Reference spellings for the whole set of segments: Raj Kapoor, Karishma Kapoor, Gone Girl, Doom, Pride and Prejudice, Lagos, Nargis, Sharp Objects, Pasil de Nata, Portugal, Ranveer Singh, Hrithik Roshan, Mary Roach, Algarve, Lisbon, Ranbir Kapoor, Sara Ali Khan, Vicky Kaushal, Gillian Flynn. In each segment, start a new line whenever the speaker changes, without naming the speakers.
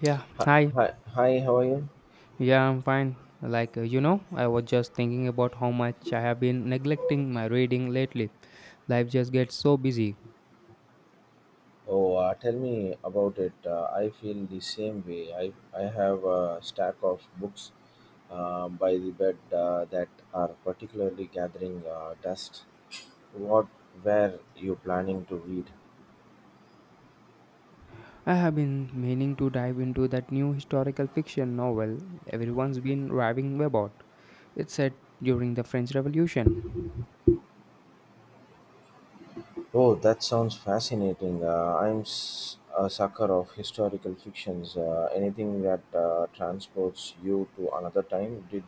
Yeah,
Hi,
hi.
hi, how are you?
Yeah, I'm fine. Like, I was just thinking about how much I have been neglecting my reading lately. Life just gets so busy.
Oh, tell me about it. I feel the same way. I have a stack of books by the bed that are particularly gathering dust. What were you planning to read?
I have been meaning to dive into that new historical fiction novel everyone's been raving about. It's set during the French Revolution.
Oh, that sounds fascinating. I'm a sucker of historical fictions. Anything that transports you to another time. Did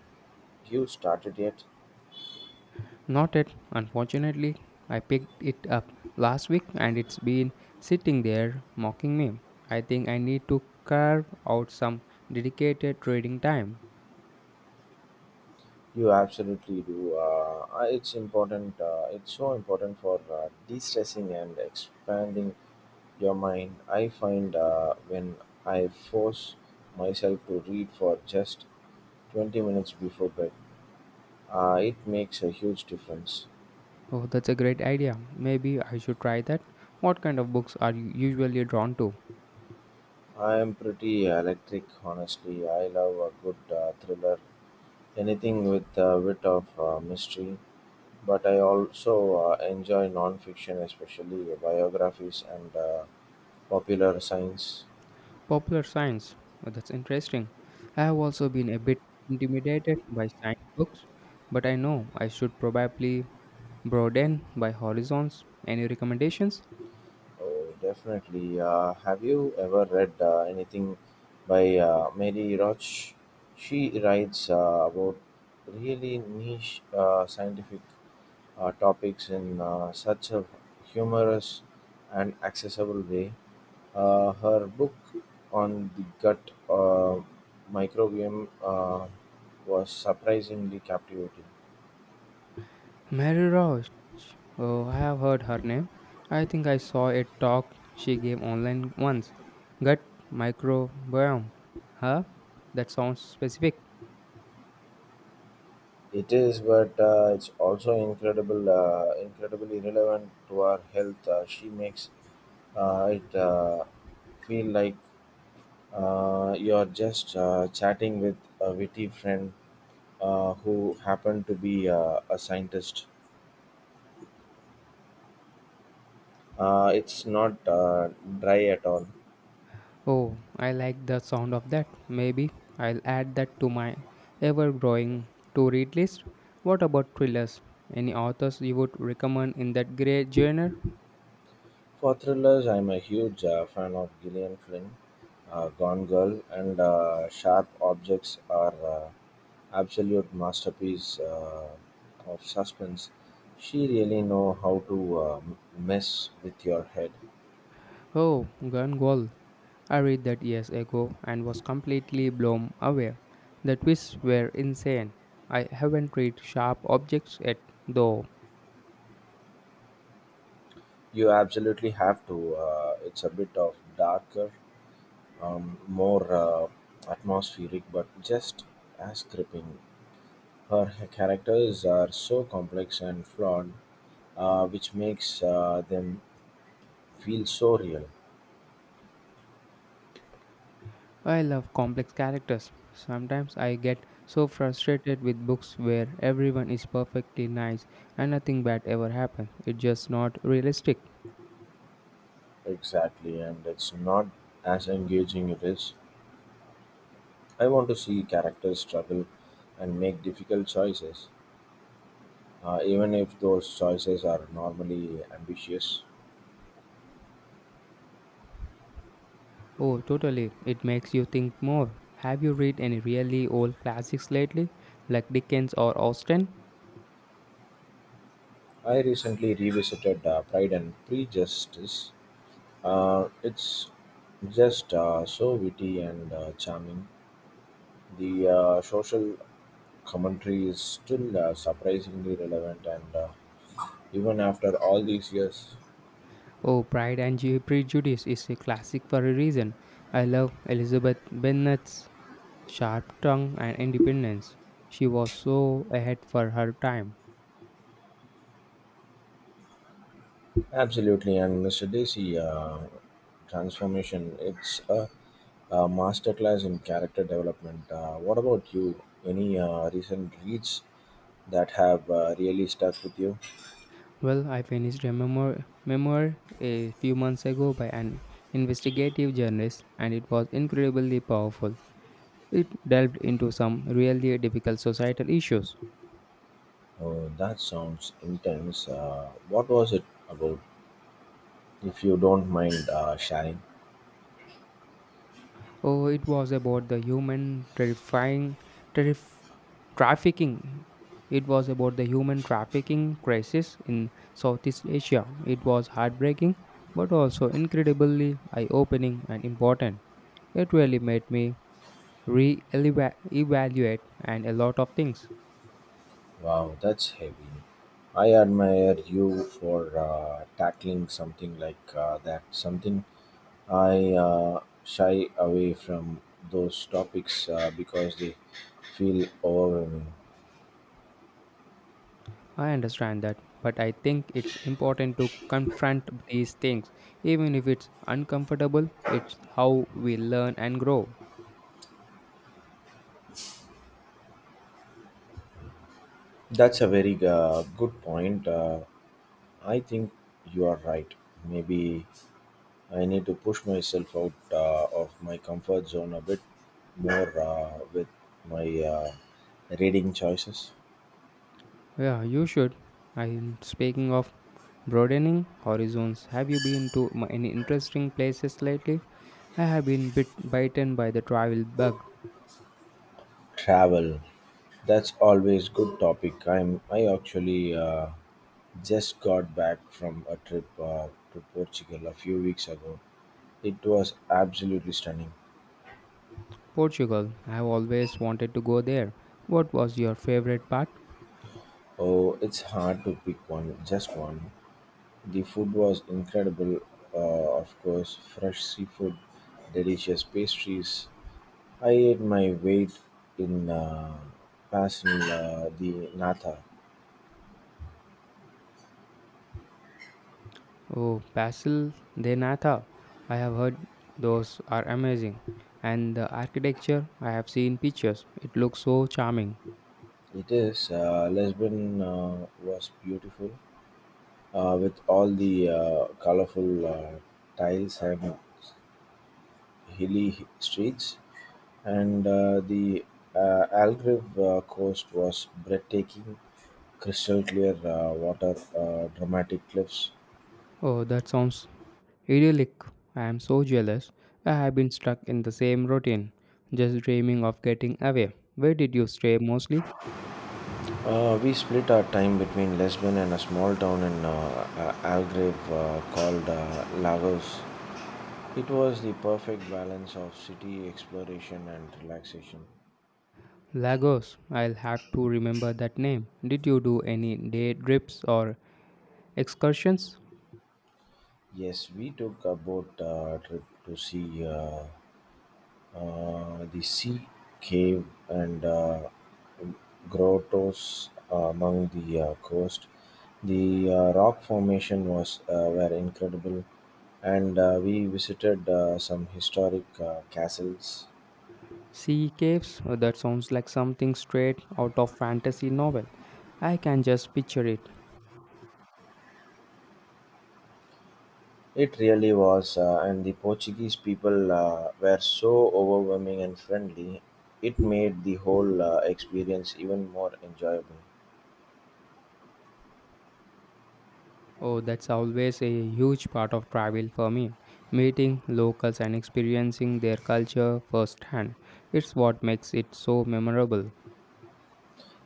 you start it yet?
Not yet, unfortunately. I picked it up last week and it's been sitting there mocking me. I think I need to carve out some dedicated reading time.
You absolutely do. It's important. It's so important for de-stressing and expanding your mind. I find when I force myself to read for just 20 minutes before bed, it makes a huge difference.
Oh, that's a great idea. Maybe I should try that. What kind of books are you usually drawn to?
I am pretty electric, honestly. I love a good thriller, anything with a bit of mystery. But I also enjoy non-fiction, especially biographies and popular science.
Popular science. Oh, that's interesting. I have also been a bit intimidated by science books, but I know I should probably broaden my horizons. Any recommendations?
Oh, definitely. Have you ever read anything by Mary Roach? She writes about really niche scientific topics in such a humorous and accessible way. Her book on the gut microbiome was surprisingly captivating.
Mary Roach. Oh, I have heard her name. I think I saw a talk she gave online once. Gut microbiome. Huh? That sounds specific.
It is, but it's also incredibly relevant to our health. She makes it feel like you're just chatting with a witty friend who happened to be a scientist. It's not dry at all.
Oh, I like the sound of that. Maybe I'll add that to my ever growing to read list. What about thrillers? Any authors you would recommend in that grey genre?
For thrillers, I'm a huge fan of Gillian Flynn. Gone Girl and Sharp Objects are absolute masterpiece of suspense. She really know how to mess with your head.
Oh, Gun Gall. I read that years ago and was completely blown away. The twists were insane. I haven't read Sharp Objects yet, though.
You absolutely have to. It's a bit of darker, more atmospheric, but just as gripping. Her characters are so complex and flawed, which makes them feel so real.
I love complex characters. Sometimes I get so frustrated with books where everyone is perfectly nice and nothing bad ever happens. It's just not realistic.
Exactly, and it's not as engaging. It is. I want to see characters struggle and make difficult choices, even if those choices are normally ambitious.
Oh, totally. It makes you think more. Have you read any really old classics lately, like Dickens or Austen?
I recently revisited Pride and Prejudice. It's just so witty and charming. The social commentary is still surprisingly relevant, and even after all these years,
Oh, Pride and Prejudice is a classic for a reason. I love Elizabeth Bennet's sharp tongue and independence. She was so ahead for her time.
absolutely. And Mr. Desi transformation, a masterclass in character development. What about you? Any recent reads that have really stuck with you?
Well, I finished a memoir a few months ago by an investigative journalist, and it was incredibly powerful. It delved into some really difficult societal issues.
Oh, that sounds intense. What was it about? If you don't mind sharing.
Oh, it was about the human terrif- trafficking. It was about the human trafficking crisis in Southeast Asia. It was heartbreaking, but also incredibly eye-opening and important. It really made me re-evaluate and a lot of things.
Wow, that's heavy. I admire you for tackling something like that. Something I shy away from those topics because they feel overwhelming.
I understand that, but I think it's important to confront these things, even if it's uncomfortable. It's how we learn and grow.
That's a very good point. I think you are right. Maybe I need to push myself out of my comfort zone a bit more with my reading choices.
Yeah, you should. I, speaking of broadening horizons, have you been to any interesting places lately? I have been bitten by the travel bug.
Travel. That's always good topic. I actually just got back from a trip to Portugal a few weeks ago. It was absolutely stunning.
Portugal, I have always wanted to go there. What was your favorite part?
Oh, it's hard to pick one, just one. The food was incredible, of course, fresh seafood, delicious pastries. I ate my weight in Pasil the Nata.
Oh, Basil de Nata. I have heard those are amazing. And the architecture, I have seen pictures. It looks so charming.
It is Lisbon was beautiful with all the colorful tiles and hilly streets. And the Algarve coast was breathtaking, crystal clear water, dramatic cliffs.
Oh, that sounds idyllic. I am so jealous. I have been stuck in the same routine, just dreaming of getting away. Where did you stay mostly?
We split our time between Lisbon and a small town in Algarve called Lagos. It was the perfect balance of city exploration and relaxation.
Lagos. I'll have to remember that name. Did you do any day trips or excursions?
Yes, we took a boat trip to see. The sea cave and grottos among the coast. The rock formation was were incredible, and we visited some historic castles.
Sea caves? That sounds like something straight out of fantasy novel. I can just picture it.
It really was, and the Portuguese people were so overwhelming and friendly. It made the whole experience even more enjoyable.
Oh, that's always a huge part of travel for me. Meeting locals and experiencing their culture firsthand. It's what makes it so memorable.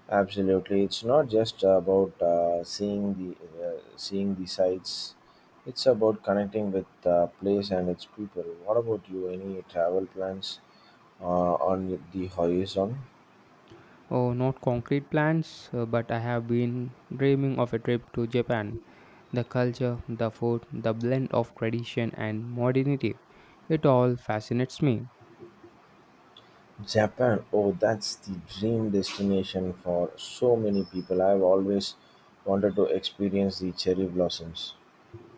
Absolutely, it's not just about seeing the sights. It's about connecting with the place and its people. What about you? Any travel plans on the horizon?
Oh, not concrete plans, but I have been dreaming of a trip to Japan. The culture, the food, the blend of tradition and modernity. It all fascinates me.
Japan. Oh, that's the dream destination for so many people. I've always wanted to experience the cherry blossoms.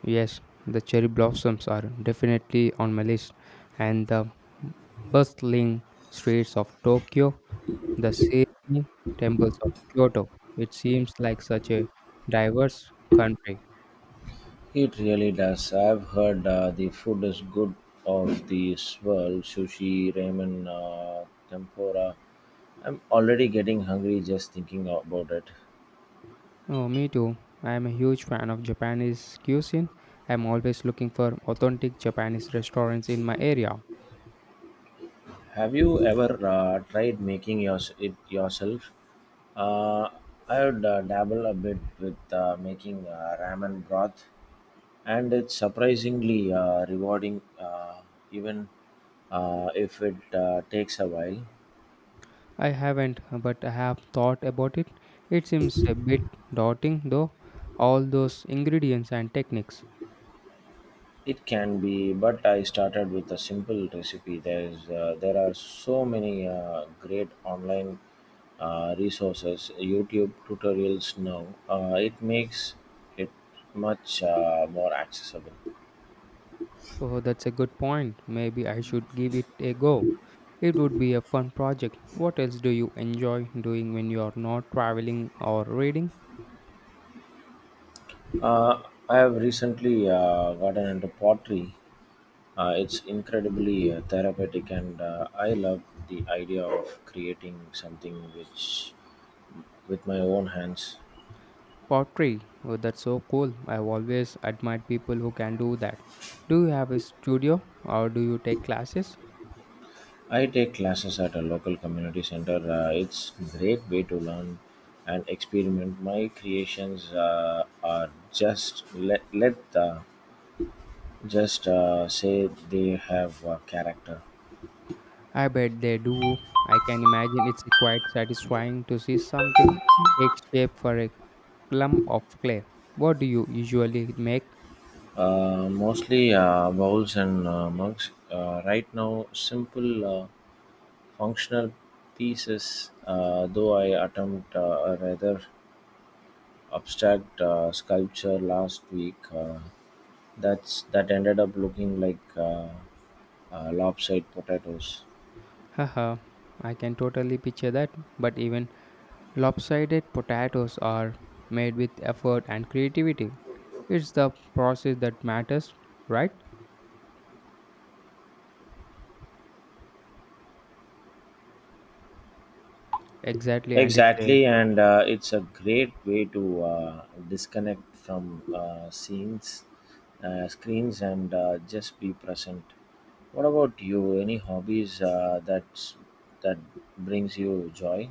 Yes, the cherry blossoms are definitely on my list, and the bustling streets of Tokyo, the serene temples of Kyoto. It seems like such a diverse country.
It really does. I've heard the food is good of this world sushi, ramen, tempura. I'm already getting hungry just thinking about it.
Oh, me too. I am a huge fan of Japanese cuisine. I am always looking for authentic Japanese restaurants in my area.
Have you ever tried making yours it yourself? Uh, I would dabble a bit with making ramen broth, and it's surprisingly rewarding, even if it takes a while.
I haven't, but I have thought about it. It seems a bit daunting though, all those ingredients and techniques.
It can be, but I started with a simple recipe. There are so many great online resources, YouTube tutorials now. It makes it much more accessible.
Oh, that's a good point. Maybe I should give it a go. It would be a fun project. What else do you enjoy doing when you are not traveling or reading?
Uh, I have recently gotten into pottery. It's incredibly therapeutic, and I love the idea of creating something which with my own hands.
Pottery. Oh, that's so cool. I've always admired people who can do that. Do you have a studio or do you take classes?
I take classes at a local community center. It's great way to learn and experiment. My creations are just let let just say they have character.
I bet they do. I can imagine it's quite satisfying to see something take shape for a clump of clay. What do you usually make?
Mostly bowls and mugs. Right now, simple functional pieces. Though I attempt a rather abstract sculpture last week. That ended up looking like. Lopsided potatoes.
Haha, I can totally picture that. But even lopsided potatoes are made with effort and creativity. It's the process that matters, right? Exactly, and it's a.
Exactly, and it's a great way to screens, and just be present. What about you? Any hobbies that brings you joy?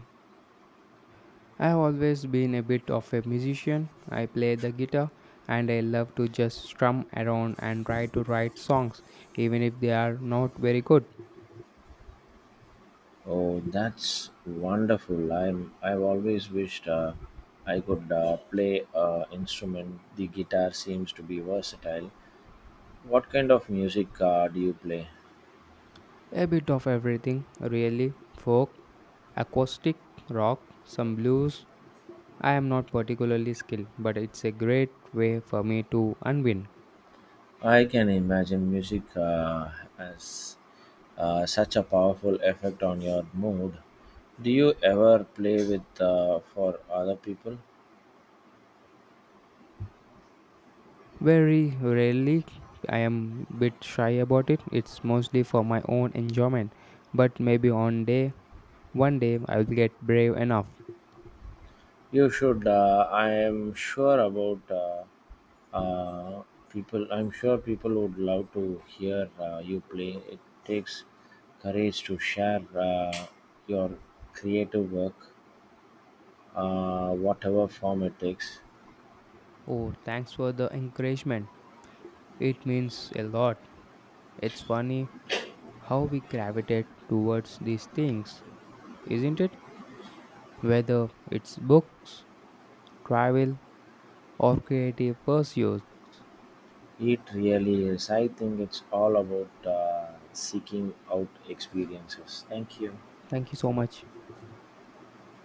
I have always been a bit of a musician. I play the guitar and I love to just strum around and try to write songs, even if they are not very good.
Oh, that's wonderful. I've always wished I could play instrument. The guitar seems to be versatile. What kind of music do you play?
A bit of everything, really folk, acoustic, rock, some blues. I am not particularly skilled, but it's a great way for me to unwind.
I can imagine music has such a powerful effect on your mood. Do you ever play with for other people?
Very rarely, I am bit shy about it. It's mostly for my own enjoyment. But maybe one day I will get brave enough.
You should. I am sure about uh, people. I'm sure people would love to hear you play. It takes courage to share your creative work, whatever form it takes.
Oh, thanks for the encouragement. It means a lot. It's funny how we gravitate towards these things, isn't it? Whether it's books, travel, or creative pursuits.
It really is. I think it's all about seeking out experiences. Thank you.
Thank you so much.